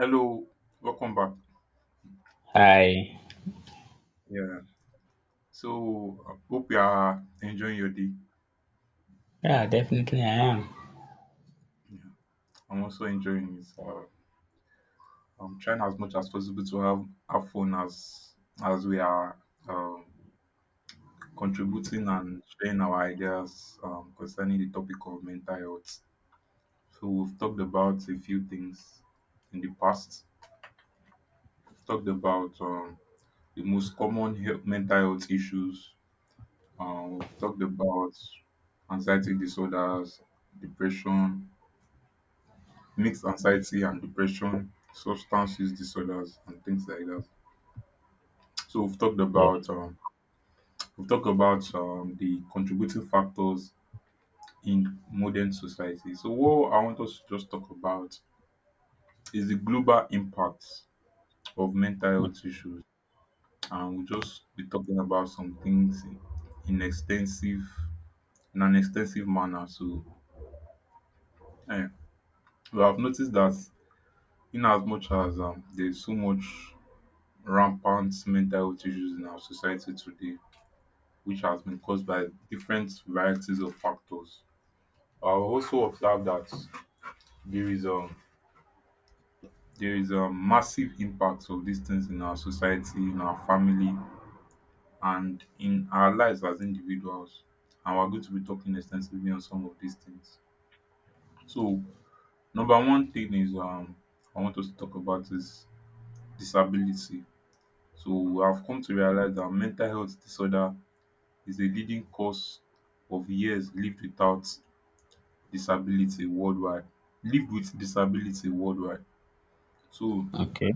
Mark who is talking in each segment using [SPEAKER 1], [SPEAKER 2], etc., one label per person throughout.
[SPEAKER 1] Hello, welcome back.
[SPEAKER 2] I
[SPEAKER 1] Yeah. So, I hope you are enjoying your day.
[SPEAKER 2] yeah, definitely I am.
[SPEAKER 1] Yeah. I'm also enjoying it. I'm trying as much as possible to have fun as we are um, contributing and sharing our ideas concerning the topic of mental health. So, we've talked about a few things in the past. We've talked about the most common mental health issues. We've talked about anxiety disorders, depression, mixed anxiety and depression, substance use disorders, and things like that. So we've talked
[SPEAKER 2] Yeah.
[SPEAKER 1] about the contributing factors in modern society. So what I want us to just talk about is the global impact of mental health issues, and we'll just be talking about some things in extensive in an extensive manner. So eh, we have noticed that in as much as there's so much rampant mental health issues in our society today, which has been caused by different varieties of factors. I also observe that there is a there is a massive impact of these things in our society, in our family, and in our lives as individuals. And we're going to be talking extensively on some of these things. So, number one thing is, I want us to talk about is disability. So, we have come to realize that mental health disorder is the leading cause of years lived without disability worldwide lived with disability worldwide. So
[SPEAKER 2] Okay.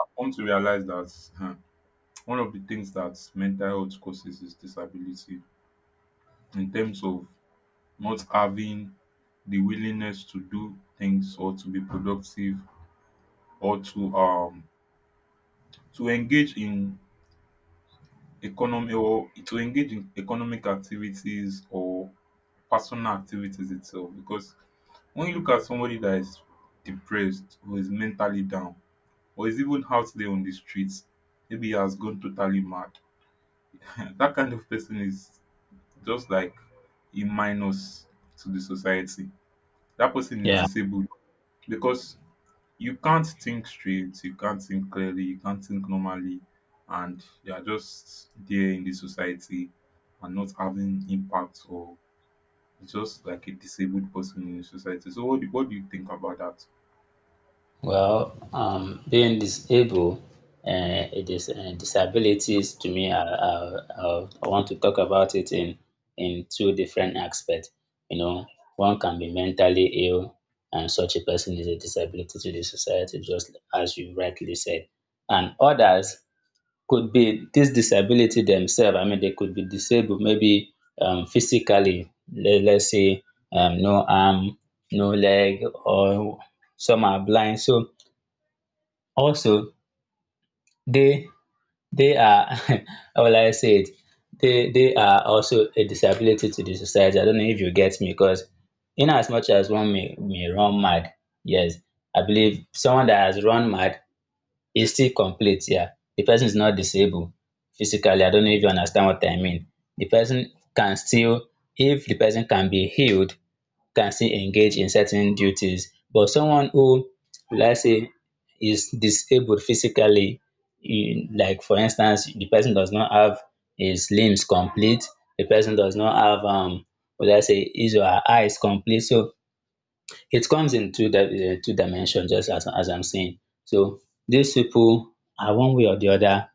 [SPEAKER 1] I come to realize that one of the things that mental health causes is disability in terms of not having the willingness to do things or to be productive or to engage in economy or to engage in economic activities or personal activities itself, because when you look at somebody that is depressed or is mentally down or is even out there on the streets, maybe he has gone totally mad, that kind of person is just like a minus to the society. That person is
[SPEAKER 2] Yeah.
[SPEAKER 1] disabled because you can't think straight, you can't think clearly, you can't think normally, and you are just there in the society and not having impact, or just like a disabled person in the society. So what do you think about that?
[SPEAKER 2] Well, being disabled, it is disabilities to me. I want to talk about it in two different aspects. You know, one can be mentally ill, and such a person is a disability to the society, just as you rightly said, and others could be this disability themselves. I mean, they could be disabled maybe physically, let's say no arm, no leg, or some are blind. So also they they are how will I say it? They are also a disability to the society. I don't know if you get me because in as much as one may run mad, yes, I believe someone that has run mad is still complete here. The person is not disabled physically. I don't know if you understand what I mean. The person can still, if the person can be healed, can still engage in certain duties. But someone who, let's say, is disabled physically, like for instance, the person does not have his limbs complete, the person does not have, what I say, his or her eyes complete. So it comes in two dimensions, just as I'm saying. So these people are one way or the other,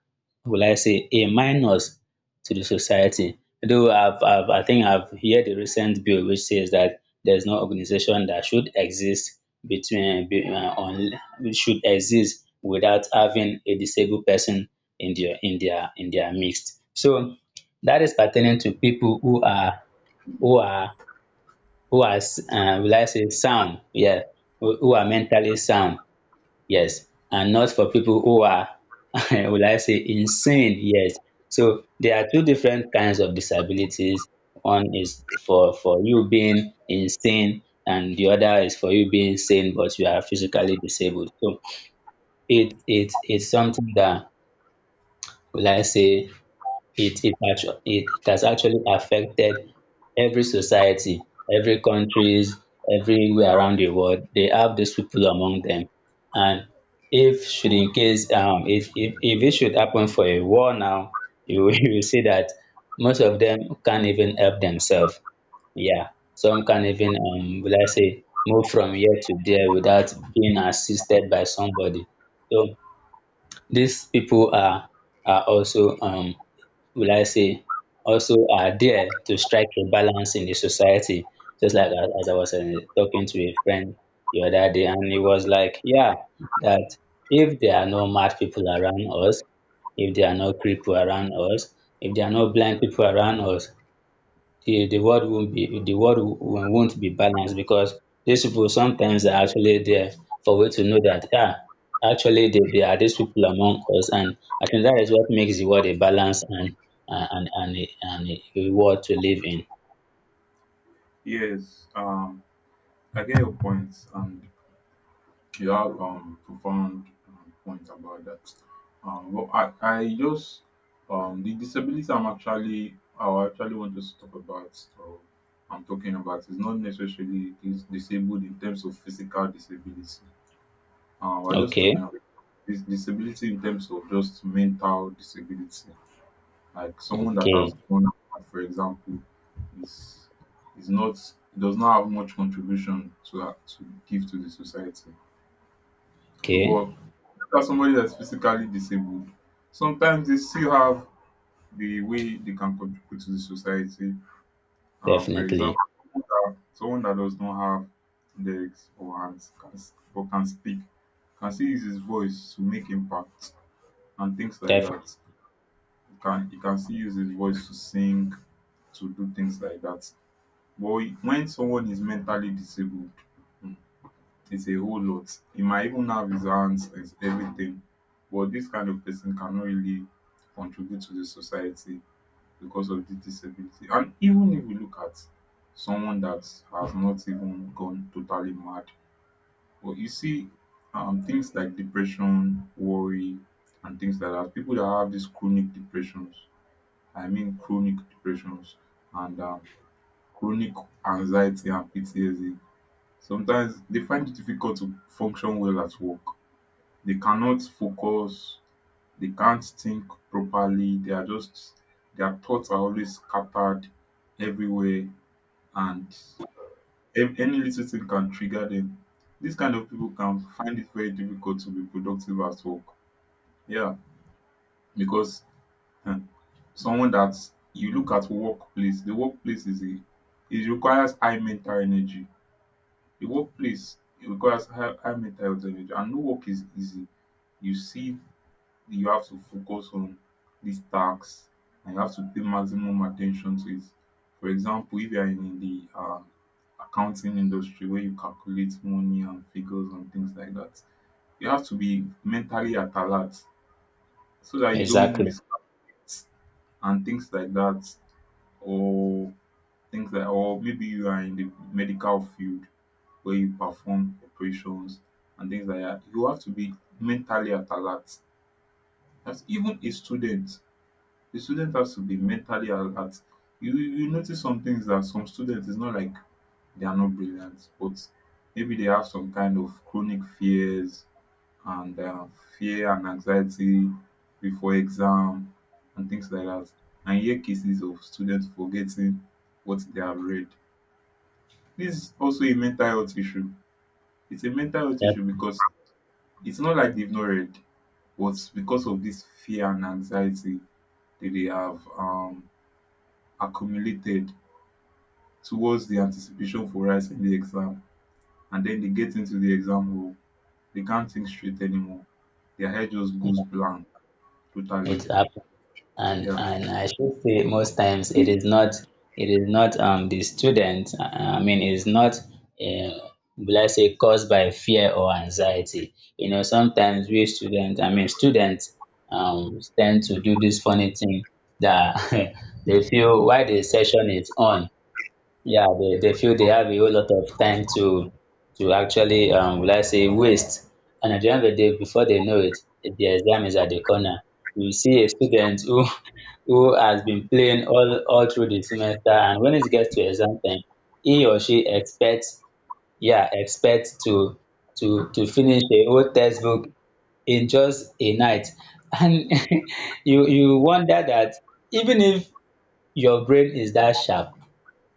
[SPEAKER 2] will I say, a minus to the society. Though I think I've heard a recent bill which says that there's no organization that should exist between be- on which should exist without having a disabled person in their midst. So that is pertaining to people who are who are will I say sound, yeah, who are mentally sound, yes, and not for people who are, will I say insane, yes. So there are two different kinds of disabilities. One is for you being insane, and the other is for you being sane but you are physically disabled. So it's something that will I say it has actually affected every society, every countries, everywhere around the world. They have these people among them. And if should in case if it should happen for a war now, you will you will see that most of them can't even help themselves. Yeah. Some can't even will I say move from here to there without being assisted by somebody. So these people are also will I say, also are there to strike a balance in the society. Just like as I was talking to a friend the other day, and he was like, yeah, that if there are no mad people around us, if there are no people around us, if there are no blind people around us, the world won't be the won't be balanced because these people sometimes are actually there for we to know that ah actually there are these people among us, and I think that is what makes the world a balance and a world to live in.
[SPEAKER 1] Yes, I get your points, and you have profound point about that. Well, I just the disability I actually want to talk about, or I'm talking about, is not necessarily disabled in terms of physical disability. We're just
[SPEAKER 2] Okay,
[SPEAKER 1] talking about this disability in terms of just mental disability. Like someone that
[SPEAKER 2] okay,
[SPEAKER 1] has gone out, for example, is is not does not have much contribution to give to the society. So,
[SPEAKER 2] okay,
[SPEAKER 1] but as somebody that's physically disabled, sometimes they still have the way they can contribute to the society. For example,
[SPEAKER 2] definitely,
[SPEAKER 1] someone that does not have legs or hands or can speak, can still use his voice to make impact and things like
[SPEAKER 2] definitely,
[SPEAKER 1] that. Can He can still use his voice to sing, to do things like that. But when someone is mentally disabled, it's a whole lot. He might even have his hands, his everything. But this kind of person cannot really contribute to the society because of the disability. And even if we look at someone that has not even gone totally mad, but you see things like depression, worry, and things like that. People that have these chronic depressions, I mean chronic depressions and chronic anxiety and PTSD, sometimes they find it difficult to function well at work. They cannot focus. They can't think properly. They are just their thoughts are always scattered everywhere, and any little thing can trigger them. This kind of people can find it very difficult to be productive at work. Yeah. Because someone that you look at workplace the workplace is a it requires high mental energy. The workplace, it requires high, high mental health energy, and no work is easy. You see, you have to focus on these tasks and you have to pay maximum attention to it. For example, if you are in the accounting industry where you calculate money and figures and things like that, you have to be mentally at alert so that you don't
[SPEAKER 2] exactly.
[SPEAKER 1] miscalculate and things like that. Or things like or maybe you are in the medical field where you perform operations and things like that, you have to be mentally at alert. That's even a student. The student has to be mentally alert. You notice some things that, some students, it's not like they are not brilliant, but maybe they have some kind of chronic fears and fear and anxiety before exam and things like that. And hear cases of students forgetting what they have read. This is also a mental health issue. It's a mental health
[SPEAKER 2] Yep.
[SPEAKER 1] issue because it's not like they've not read, but because of this fear and anxiety that they have accumulated towards the anticipation for writing the exam, and then they get into the exam hall, they can't think straight anymore. Their head just goes blank totally.
[SPEAKER 2] It happens. And
[SPEAKER 1] Yeah.
[SPEAKER 2] I should say most times it is not the student. I mean it is not uh, will I say caused by fear or anxiety. You know, sometimes we students I mean students tend to do this funny thing that they feel while the session is on, yeah, they feel they have a whole lot of time to actually let's say waste. And at the end of the day, before they know it, the exam is at the corner. You see a student who who has been playing all through the semester, and when it gets to exam time, he or she expects, yeah, expects to finish a whole textbook in just a night, and you wonder that even if your brain is that sharp,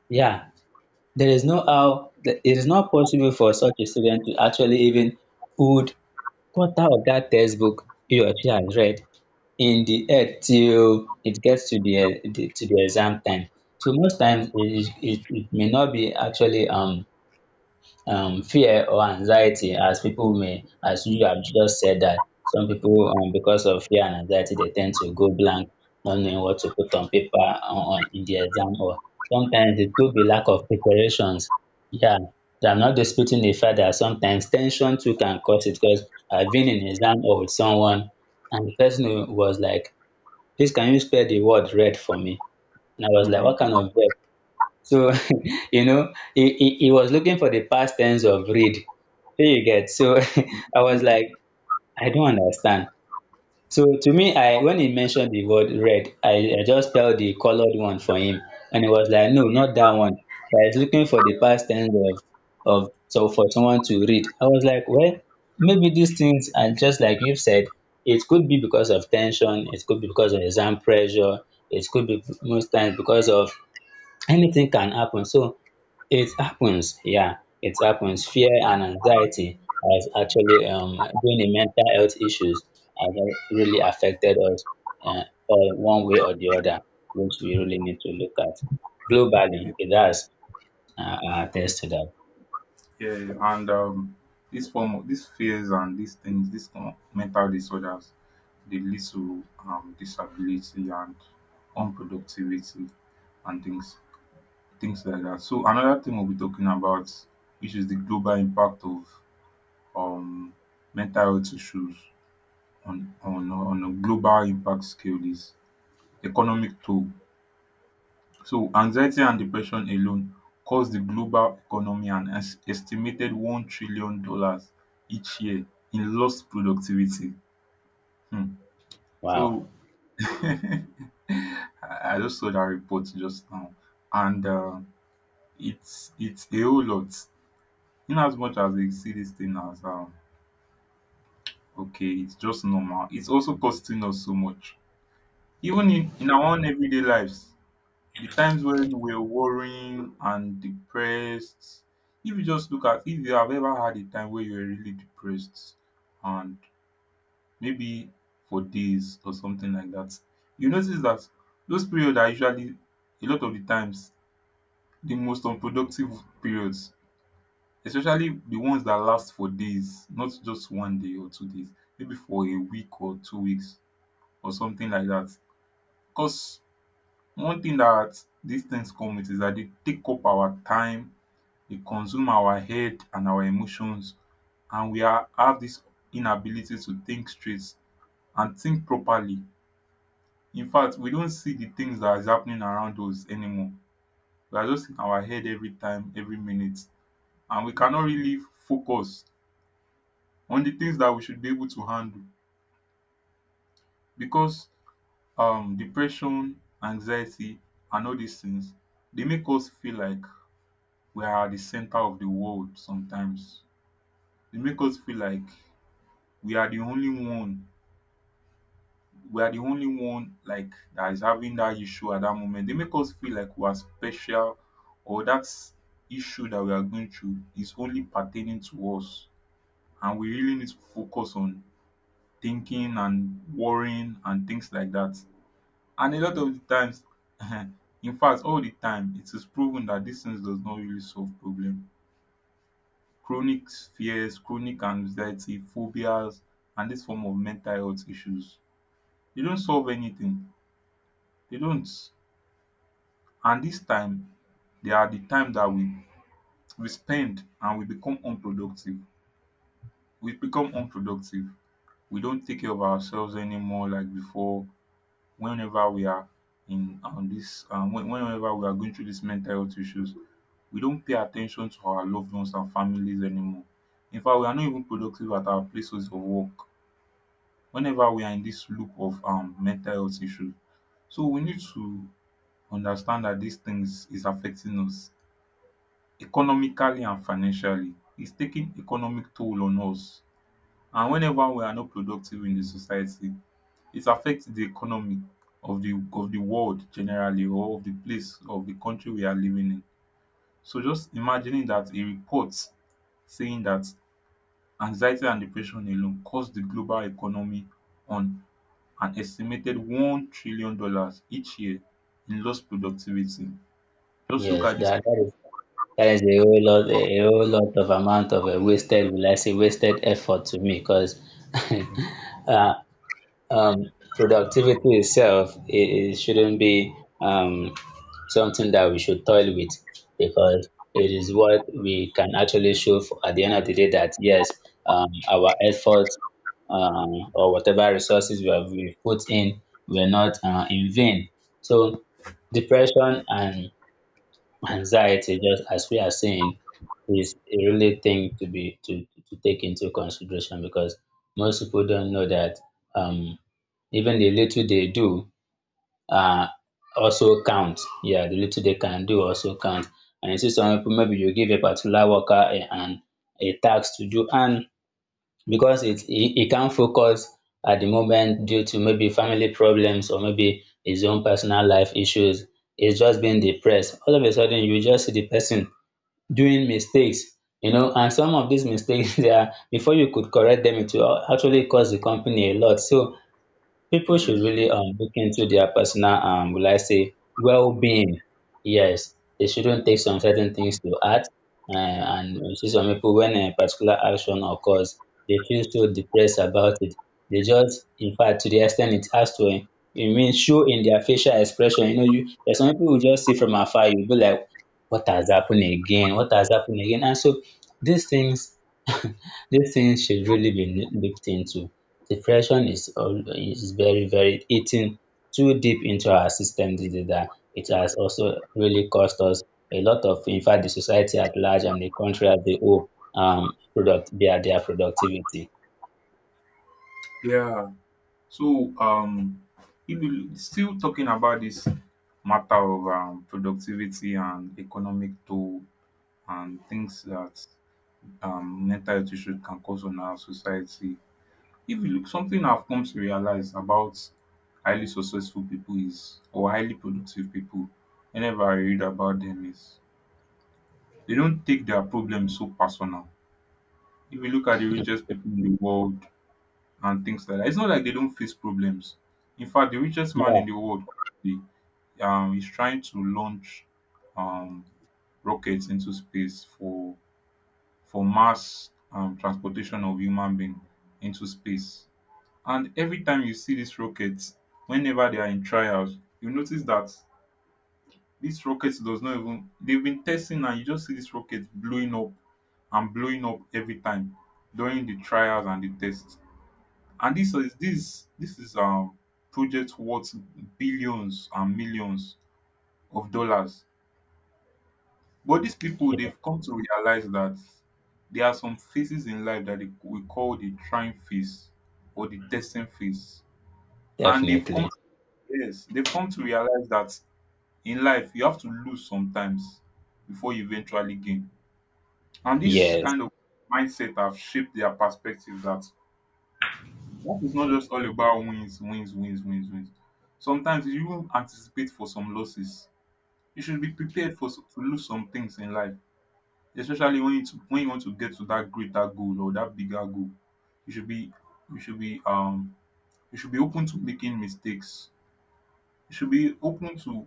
[SPEAKER 2] yeah, there is no how it is not possible for such a student to actually even put quarter of that textbook he or she has read in the head till it gets to the, eh, the to the exam time. So most times it may not be actually fear or anxiety as people may as you have just said that some people because of fear and anxiety they tend to go blank, not knowing what to put on paper on in the exam, or sometimes it could be lack of preparations. Yeah, I'm not disputing the fact that sometimes tension too can cause it, because I've been in exam or with someone, and the person who was like, please, can you spell the word red for me? And I was like,
[SPEAKER 1] Hmm.
[SPEAKER 2] what kind of red? So you know he was looking for the past tense of read. Shey you get? So I was like, I don't understand. So to me, I when he mentioned the word red, I just spelled the colored one for him, and he was like, no, not that one. But he's looking for the past tense of so for someone to read. I was like, well, maybe these things are just like you've said. It could be because of tension, it could be because of exam pressure, it could be most times because of anything can happen. So it happens, yeah, it happens. Fear and anxiety has actually been the mental health issues has really affected us, uh, or one way or the other, which we really need to look at. Globally, it does attest to that.
[SPEAKER 1] Yeah, and this form of these fears and these things, these mental disorders, they lead to disability and unproductivity and things like that. So another thing we'll be talking about, which is the global impact of um, mental health issues on a global impact scale, is economic toll. So anxiety and depression alone cost the global economy an estimated $1 trillion each year in lost productivity. um
[SPEAKER 2] Wow.
[SPEAKER 1] so, i I just saw that report just now, and it's a whole lot. In as much as we see this thing as okay, it's just normal, it's also costing us so much even in our own everyday lives. The times when we're worrying and depressed, if you just look at if you have ever had a time where you were really depressed and maybe for days or something like that, you notice that those periods are usually, a lot of the times, the most unproductive periods, especially the ones that last for days, not just one day or 2 days, maybe for a week or 2 weeks or something like that. Because one thing that these things come with is that they take up our time, dey consume our head and our emotions, and we are have this inability to think straight and think properly. In fact, we don't see the things dat is happening around us anymore. We are just in our head every time, every minute, and we cannot really focus on the things that we should be able to handle because depression, anxiety, and all these things, they make us feel like we are at di center of the world sometimes. They make us feel like we are the only one we are the only one like that is having that issue at that moment. They make us feel like we are special, or that issue that we are going through is only pertaining to us. And we really need to focus on thinking and worrying and things like that. And a lot of the times, in fact, all the time, it is proven that this things does not really solve problem. Chronic fears, chronic anxiety, phobias, and this form of mental health issues, they don't solve anything. They don't. And this time, they are the time that we spend, and we become unproductive. We become unproductive. We don't take care of ourselves anymore like before. Whenever we are in this, whenever we are going through these mental health issues, we don't pay attention to our loved ones and families anymore. In fact, we are not even productive at our places of work. Whenever we are in this loop of mental health issues, so we need to understand that these things is affecting us. Economically and financially, it's taking economic toll on us, and whenever we are not productive in the society, it affects the economy of the world generally, or of the place of the country we are living in. So just imagining that a report saying that anxiety and depression alone cost the global economy on an estimated $1 trillion each year in lost productivity. Just look
[SPEAKER 2] Yes,
[SPEAKER 1] at these
[SPEAKER 2] that is a whole
[SPEAKER 1] people.
[SPEAKER 2] lot, a whole lot of amount of a wasted will I say wasted effort to me because uh, um, productivity itself it shouldn't be um, something that we should toil with, because it is what we can actually show for, at the end of the day, that yes, our efforts, or whatever resources we have we put in, were not in vain. So depression and anxiety, just as we are saying, is a really thing to to take into consideration, because most people don't know that um even the little they do uh also count. Yeah, the little they can do also count. And you see some people, maybe you give a particular worker an a task to do, and because he can't focus at the moment due to maybe family problems or maybe his own personal life issues. He's just being depressed. All of a sudden, you just see the person doing mistakes, you know, and some of these mistakes, they are, before you could correct them, it will actually cost the company a lot. So people should
[SPEAKER 1] Yes.
[SPEAKER 2] really look into their personal will I say well-being. Yes, they shouldn't take some certain things to heart. Uh, and you see some people, when a particular action occurs, they feel so depressed about it. They just, in fact, to the extent it has it means show in their facial expression. You know, you there's some people who just see from afar. You'll be like, what has happened again? What has happened again? And so these things, these things should really be looked into. Depression is is very very eating too deep into our system these days, and it has also really cost us a lot of, in fact the society at large and the country as a whole, product their productivity.
[SPEAKER 1] Yeah. So, if you still talking about this matter of productivity and economic toll and things that mental health issues can cause on our society, if you look, something I've come to realize about highly successful people is, or highly productive people, whenever I read about them, is they don't take their problems so personal. If you look at the richest people in the world and things like that, it's not like they don't face problems. In fact, the richest man
[SPEAKER 2] Yeah,
[SPEAKER 1] in the world, is trying to launch um rockets into space for mass transportation of human being into space. And every time you see these rockets, whenever they are in trials, you notice that this rocket does not even, they've been testing and you just see this rocket blowing up and blowing up every time during the trials and the tests. And this is project worth billions and millions of dollars. But these people,
[SPEAKER 2] yeah,
[SPEAKER 1] they've come to realize that there are some phases in life that they, we call the trying phase or the testing phase. And they've come,
[SPEAKER 2] definitely.
[SPEAKER 1] yes, they've come to realize that in life you have to lose sometimes before you eventually gain. And this
[SPEAKER 2] Yes.
[SPEAKER 1] kind of mindset have shaped their perspective that life is not just all about wins, wins, wins, wins, wins. Sometimes you will anticipate for some losses. You should be prepared for to lose some things in life, especially when you to when you want to get to that greater goal or that bigger goal. You should be you should be you should be open to making mistakes. You should be open to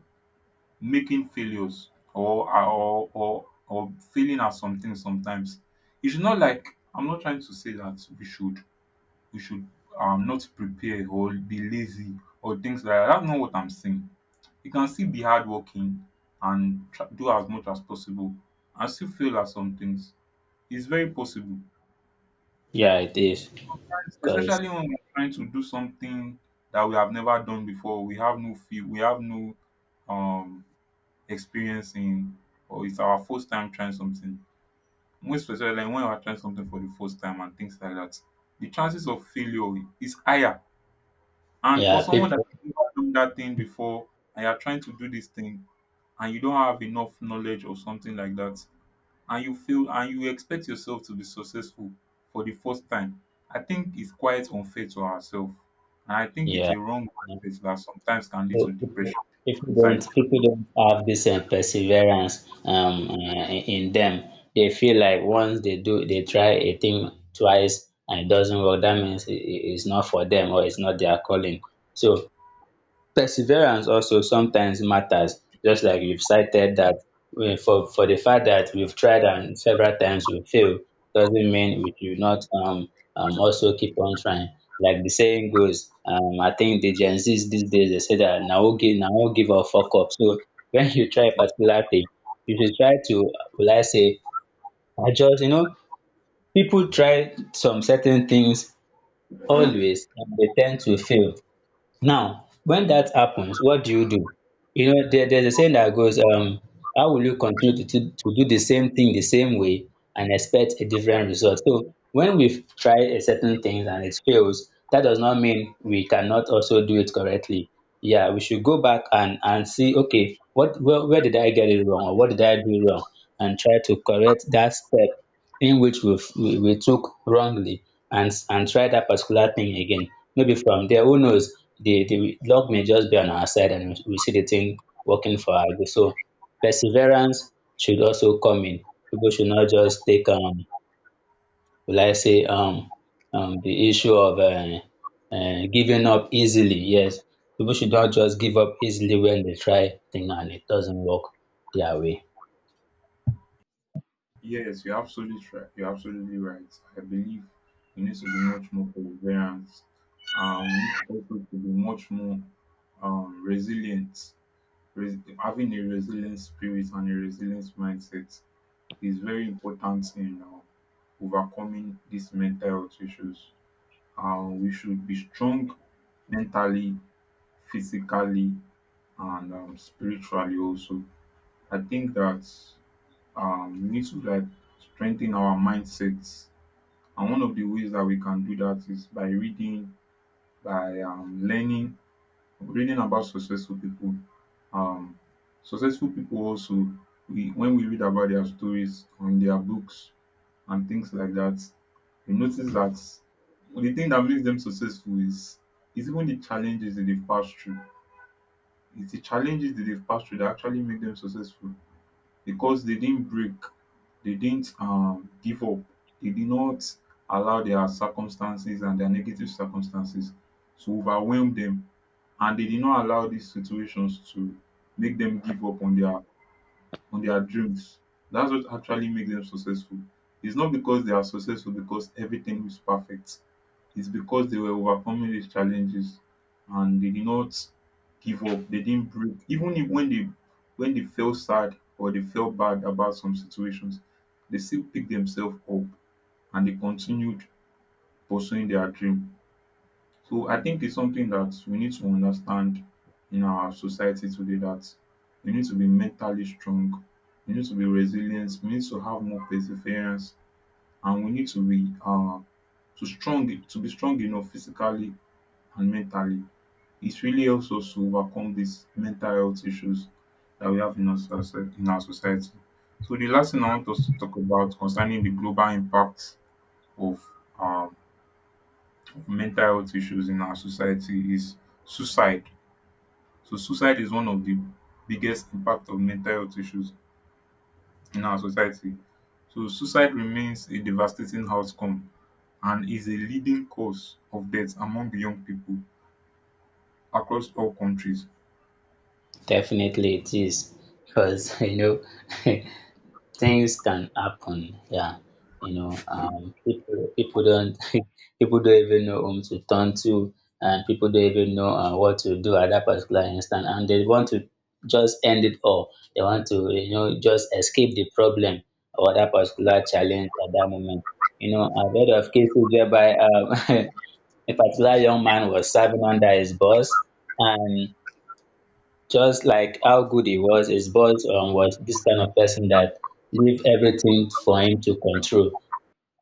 [SPEAKER 1] making failures or failing at something sometimes. You should not like, I'm not trying to say that we should not prepare or be lazy or things like that. That's not what I'm saying. You can still be hardworking and try, do as much as possible and still fail at some things. It's very possible,
[SPEAKER 2] Yeah, it is. Because
[SPEAKER 1] especially when we're trying to do something that we have never done before, we have no feel, we have no um experience in, or it's our first time trying something, most especially like when we're trying something for the first time and things like that, the chances of failure is higher. And for
[SPEAKER 2] yeah,
[SPEAKER 1] someone that
[SPEAKER 2] people
[SPEAKER 1] has never done that thing before and you're trying to do this thing and you don't have enough knowledge or something like that, and you feel and you expect yourself to be successful for the first time, I think it's quite unfair to ourselves. And I think it's
[SPEAKER 2] yeah.
[SPEAKER 1] a wrong mindset that sometimes can lead
[SPEAKER 2] So
[SPEAKER 1] to depression,
[SPEAKER 2] people
[SPEAKER 1] anxiety.
[SPEAKER 2] don't have this perseverance in them. They feel like once they try a thing twice and it doesn't work, that means it- it's not for them or it's not their calling. So perseverance also sometimes matters, just like you've cited that for the fact that we've tried and several times we fail doesn't mean we should not also keep on trying. Like the saying goes, I think the gen z's these days they say that now we'll give a fuck up. So when you try a particular thing, you should try to will I say adjust, you know. People try some certain things always and they tend to fail. Now, when that happens, what do? You know, there's a saying that goes, how will you continue to do the same thing the same way and expect a different result? So when we've tried a certain things and it fails, that does not mean we cannot also do it correctly. Yeah, we should go back and, see, okay, where did I get it wrong or what did I do wrong? And try to correct that step in which we f- we took wrongly and try that particular thing again. Maybe from there, who knows? The luck may just be on our side, and we see the thing working for our good. So perseverance should also come in. People should not just take will I say the issue of giving up easily. Yes, people should not just give up easily when they try thing and it doesn't work their way.
[SPEAKER 1] Yes, you're absolutely right. You're absolutely right. I believe we need to be much more perseverant. We need to also to be much more resilient. Having a resilient spirit and a resilient mindset is very important in overcoming these mental health issues. We should be strong mentally, physically, and spiritually also. I think that we need to like strengthen our mindsets. And one of the ways that we can do that is by reading, by learning, reading about successful people. um, Successful people also, we, when we read about their stories on their books and things like that, you notice that the thing that makes them successful is even the challenges that they've passed through. It's the challenges that they've passed through that actually make them successful, because they didn't break, they didn't give up, they did not allow their circumstances and their negative circumstances to overwhelm them, and they did not allow these situations to make them give up on their dreams. That's what actually makes them successful. It's not because they are successful because everything is perfect. It's because they were overcoming these challenges and they did not give up. They didn't break. Even if when they when they felt sad or they felt bad about some situations, they still picked themselves up and they continued pursuing their dream. So I think it's something that we need to understand in our society today, that we need to be mentally strong, we need to be resilient, we need to have more perseverance, and we need to be to strong to be strong enough physically and mentally. It really helps us to overcome these mental health issues that we have in our in our society. So the last thing I want us to talk about concerning the global impact of um, mental health issues in our society is suicide. So suicide is one of the biggest impact of mental health issues in our society. So suicide remains a devastating outcome and is a leading cause of death among young people across all countries.
[SPEAKER 2] Definitely, it is because you know. Things can happen. Yeah, people don't people don't even know whom to turn to, and people don't even know what to do at that particular instant, and they want to just end it all. They want to, you know, just escape the problem or that particular challenge at that moment. You know, I've heard of cases whereby a particular young man was serving under his boss, and just like how good he was, his boss was this kind of person that leave everything for him to control.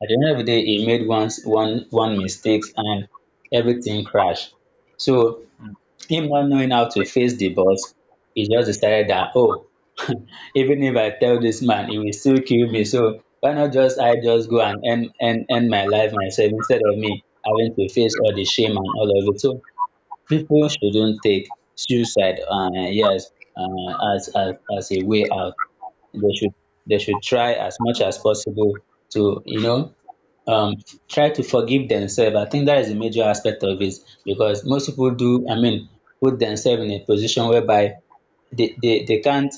[SPEAKER 2] At the end of the day, he made one mistakes and everything crashed. So
[SPEAKER 1] Mm.
[SPEAKER 2] him not knowing how to face the boss, he just decided that, oh, even if I tell this man, he will still kill me. So why not just I just go and end my life myself instead of me having to face all the shame and all of it. So people shouldn't take suicide, yes, as, as a way out. They should, they should try as much as possible to, you know, um, try to forgive themselves. I think that is a major aspect of it because most people do. I mean, put themselves in a position whereby they can't,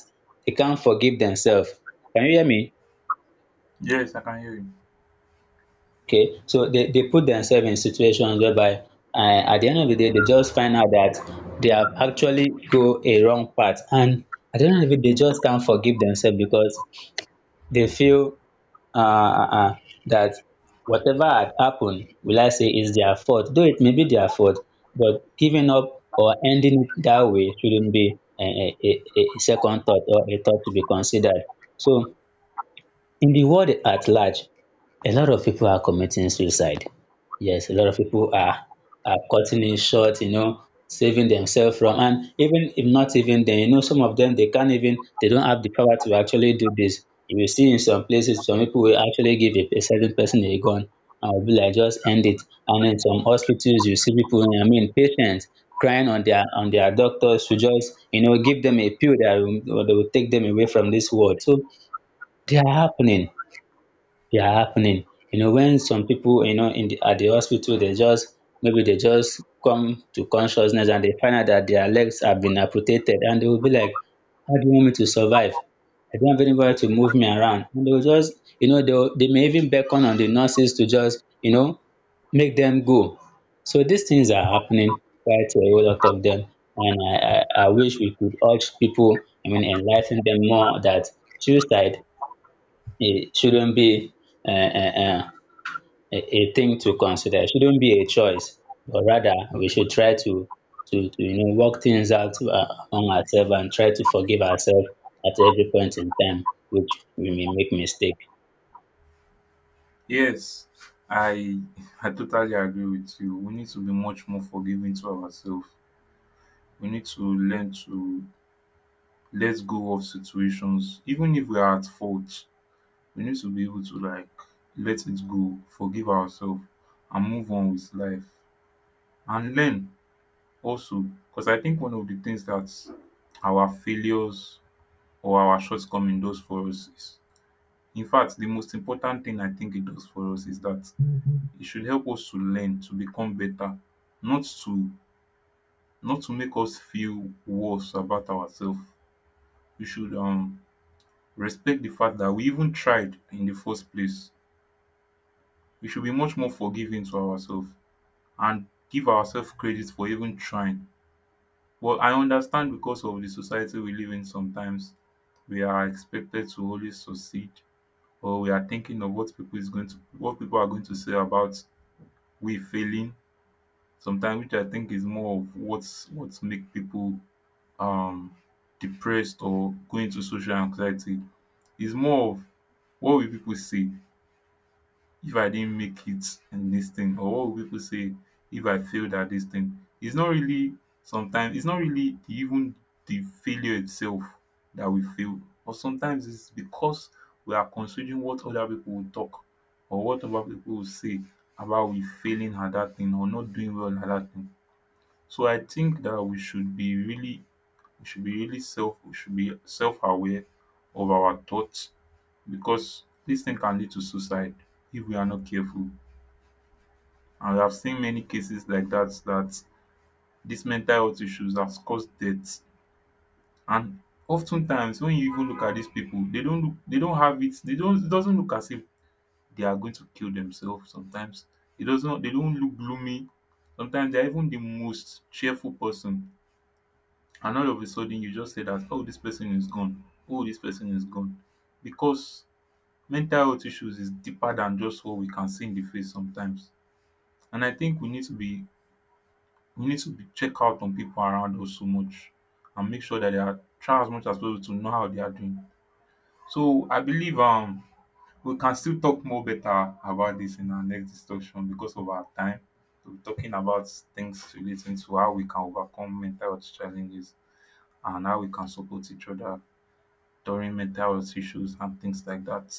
[SPEAKER 2] they can't forgive themselves. Can you hear me?
[SPEAKER 1] Yes, I can hear you.
[SPEAKER 2] Okay, so they put themselves in situations whereby, at the end of the day, they just find out that they have actually go a wrong path. And at the end of the day, they just can't forgive themselves because they feel uh, uh, uh, that whatever had happened, will I say, is their fault. Though it may be their fault, but giving up or ending it that way shouldn't be a second thought or a thought to be considered. So in the world at large, a lot of people are committing suicide. Yes, a lot of people are cutting it short, you know, saving themselves from, and even if not even then, you know, some of them they can't even, they don't have the power to actually do this. You will see in some places some people will actually give a certain person a gun and will be like just end it. And in some hospitals you see people, I mean patients crying on their doctors to just, you know, give them a pill that will take them away from this world. So they are happening they are happening. You know, when some people, you know, at the hospital, they just maybe they just come to consciousness and they find out that their legs have been amputated, and they will be like, "How do you want me to survive? I don't have anybody to move me around." And they will just, you know, they may even beckon on the nurses to just, you know, make them go. So these things are happening quite a whole lot of them, and I wish we could urge people. I mean, enlighten them more that suicide, it shouldn't be uh, uh, uh, a thing to consider. It shouldn't be a choice, but rather we should try to, to, you know, work things out among ourselves and try to forgive ourselves at every point in time, which we may make mistake.
[SPEAKER 1] Yes, I I totally agree with you. We need to be much more forgiving to ourselves. We need to learn to let go of situations, even if we are at fault. We need to be able to like let it go, forgive ourselves, and move on with life and learn also, because I think one of the things that our failures or our shortcoming does for us is, in fact the most important thing I think it does for us is that it should help us to learn to become better, not to not to make us feel worse about ourselves. We should respect the fact that we even tried in the first place. We should be much more forgiving to ourselves and give ourselves credit for even trying. But I understand because of the society we live in sometimes, we are expected to always succeed, or we are thinking of what people is going to what people are going to say about we failing sometimes, which I think is more of what's what make people um depressed or go into social anxiety. Is more of what will people say? If I didn't make it in this thing, or what will pipo say if I failed at this thing? It's not really, sometimes it's not really the, even the failure itself that we fail, but sometimes it's because we are considering what other people will talk or what other people will say about we failing at that thing or not doing well at that thing. So I think that we should be really, we should be really self, we should be self-aware of our thoughts, because this thing can lead to suicide if we are not careful. And we have seen many cases like that, that dis mental health issues has caused deaths. And oftentimes, when you even look at these people, they don't look, dey don't have it, they don't, it doesn't look as if they are going to kill themselves. Sometimes it doesn't, they don't look gloomy. Sometimes they are even the most cheerful person, and all of a sudden you just say that, oh, this person is gone. Oh, this person is gone. Because mental health issues is deeper than just what we can see in the face sometimes. And I think we need to be, we need to be check out on people around us so much, and make sure that they are, try as much as possible to know how they are doing. So I believe we can still talk more better about this in our next discussion because of our time. We'll be talking about things relating to how we can overcome mental health challenges and how we can support each other during mental health issues and things like that.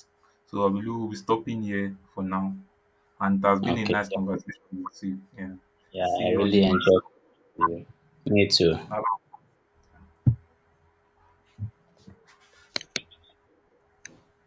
[SPEAKER 1] So I believe we'll be stopping here for now. And it has been a
[SPEAKER 2] Okay,
[SPEAKER 1] nice conversation with you. Yeah.
[SPEAKER 2] yeah,
[SPEAKER 1] See
[SPEAKER 2] I
[SPEAKER 1] you on the
[SPEAKER 2] really
[SPEAKER 1] next.
[SPEAKER 2] enjoyed it. Me too.
[SPEAKER 1] Bye.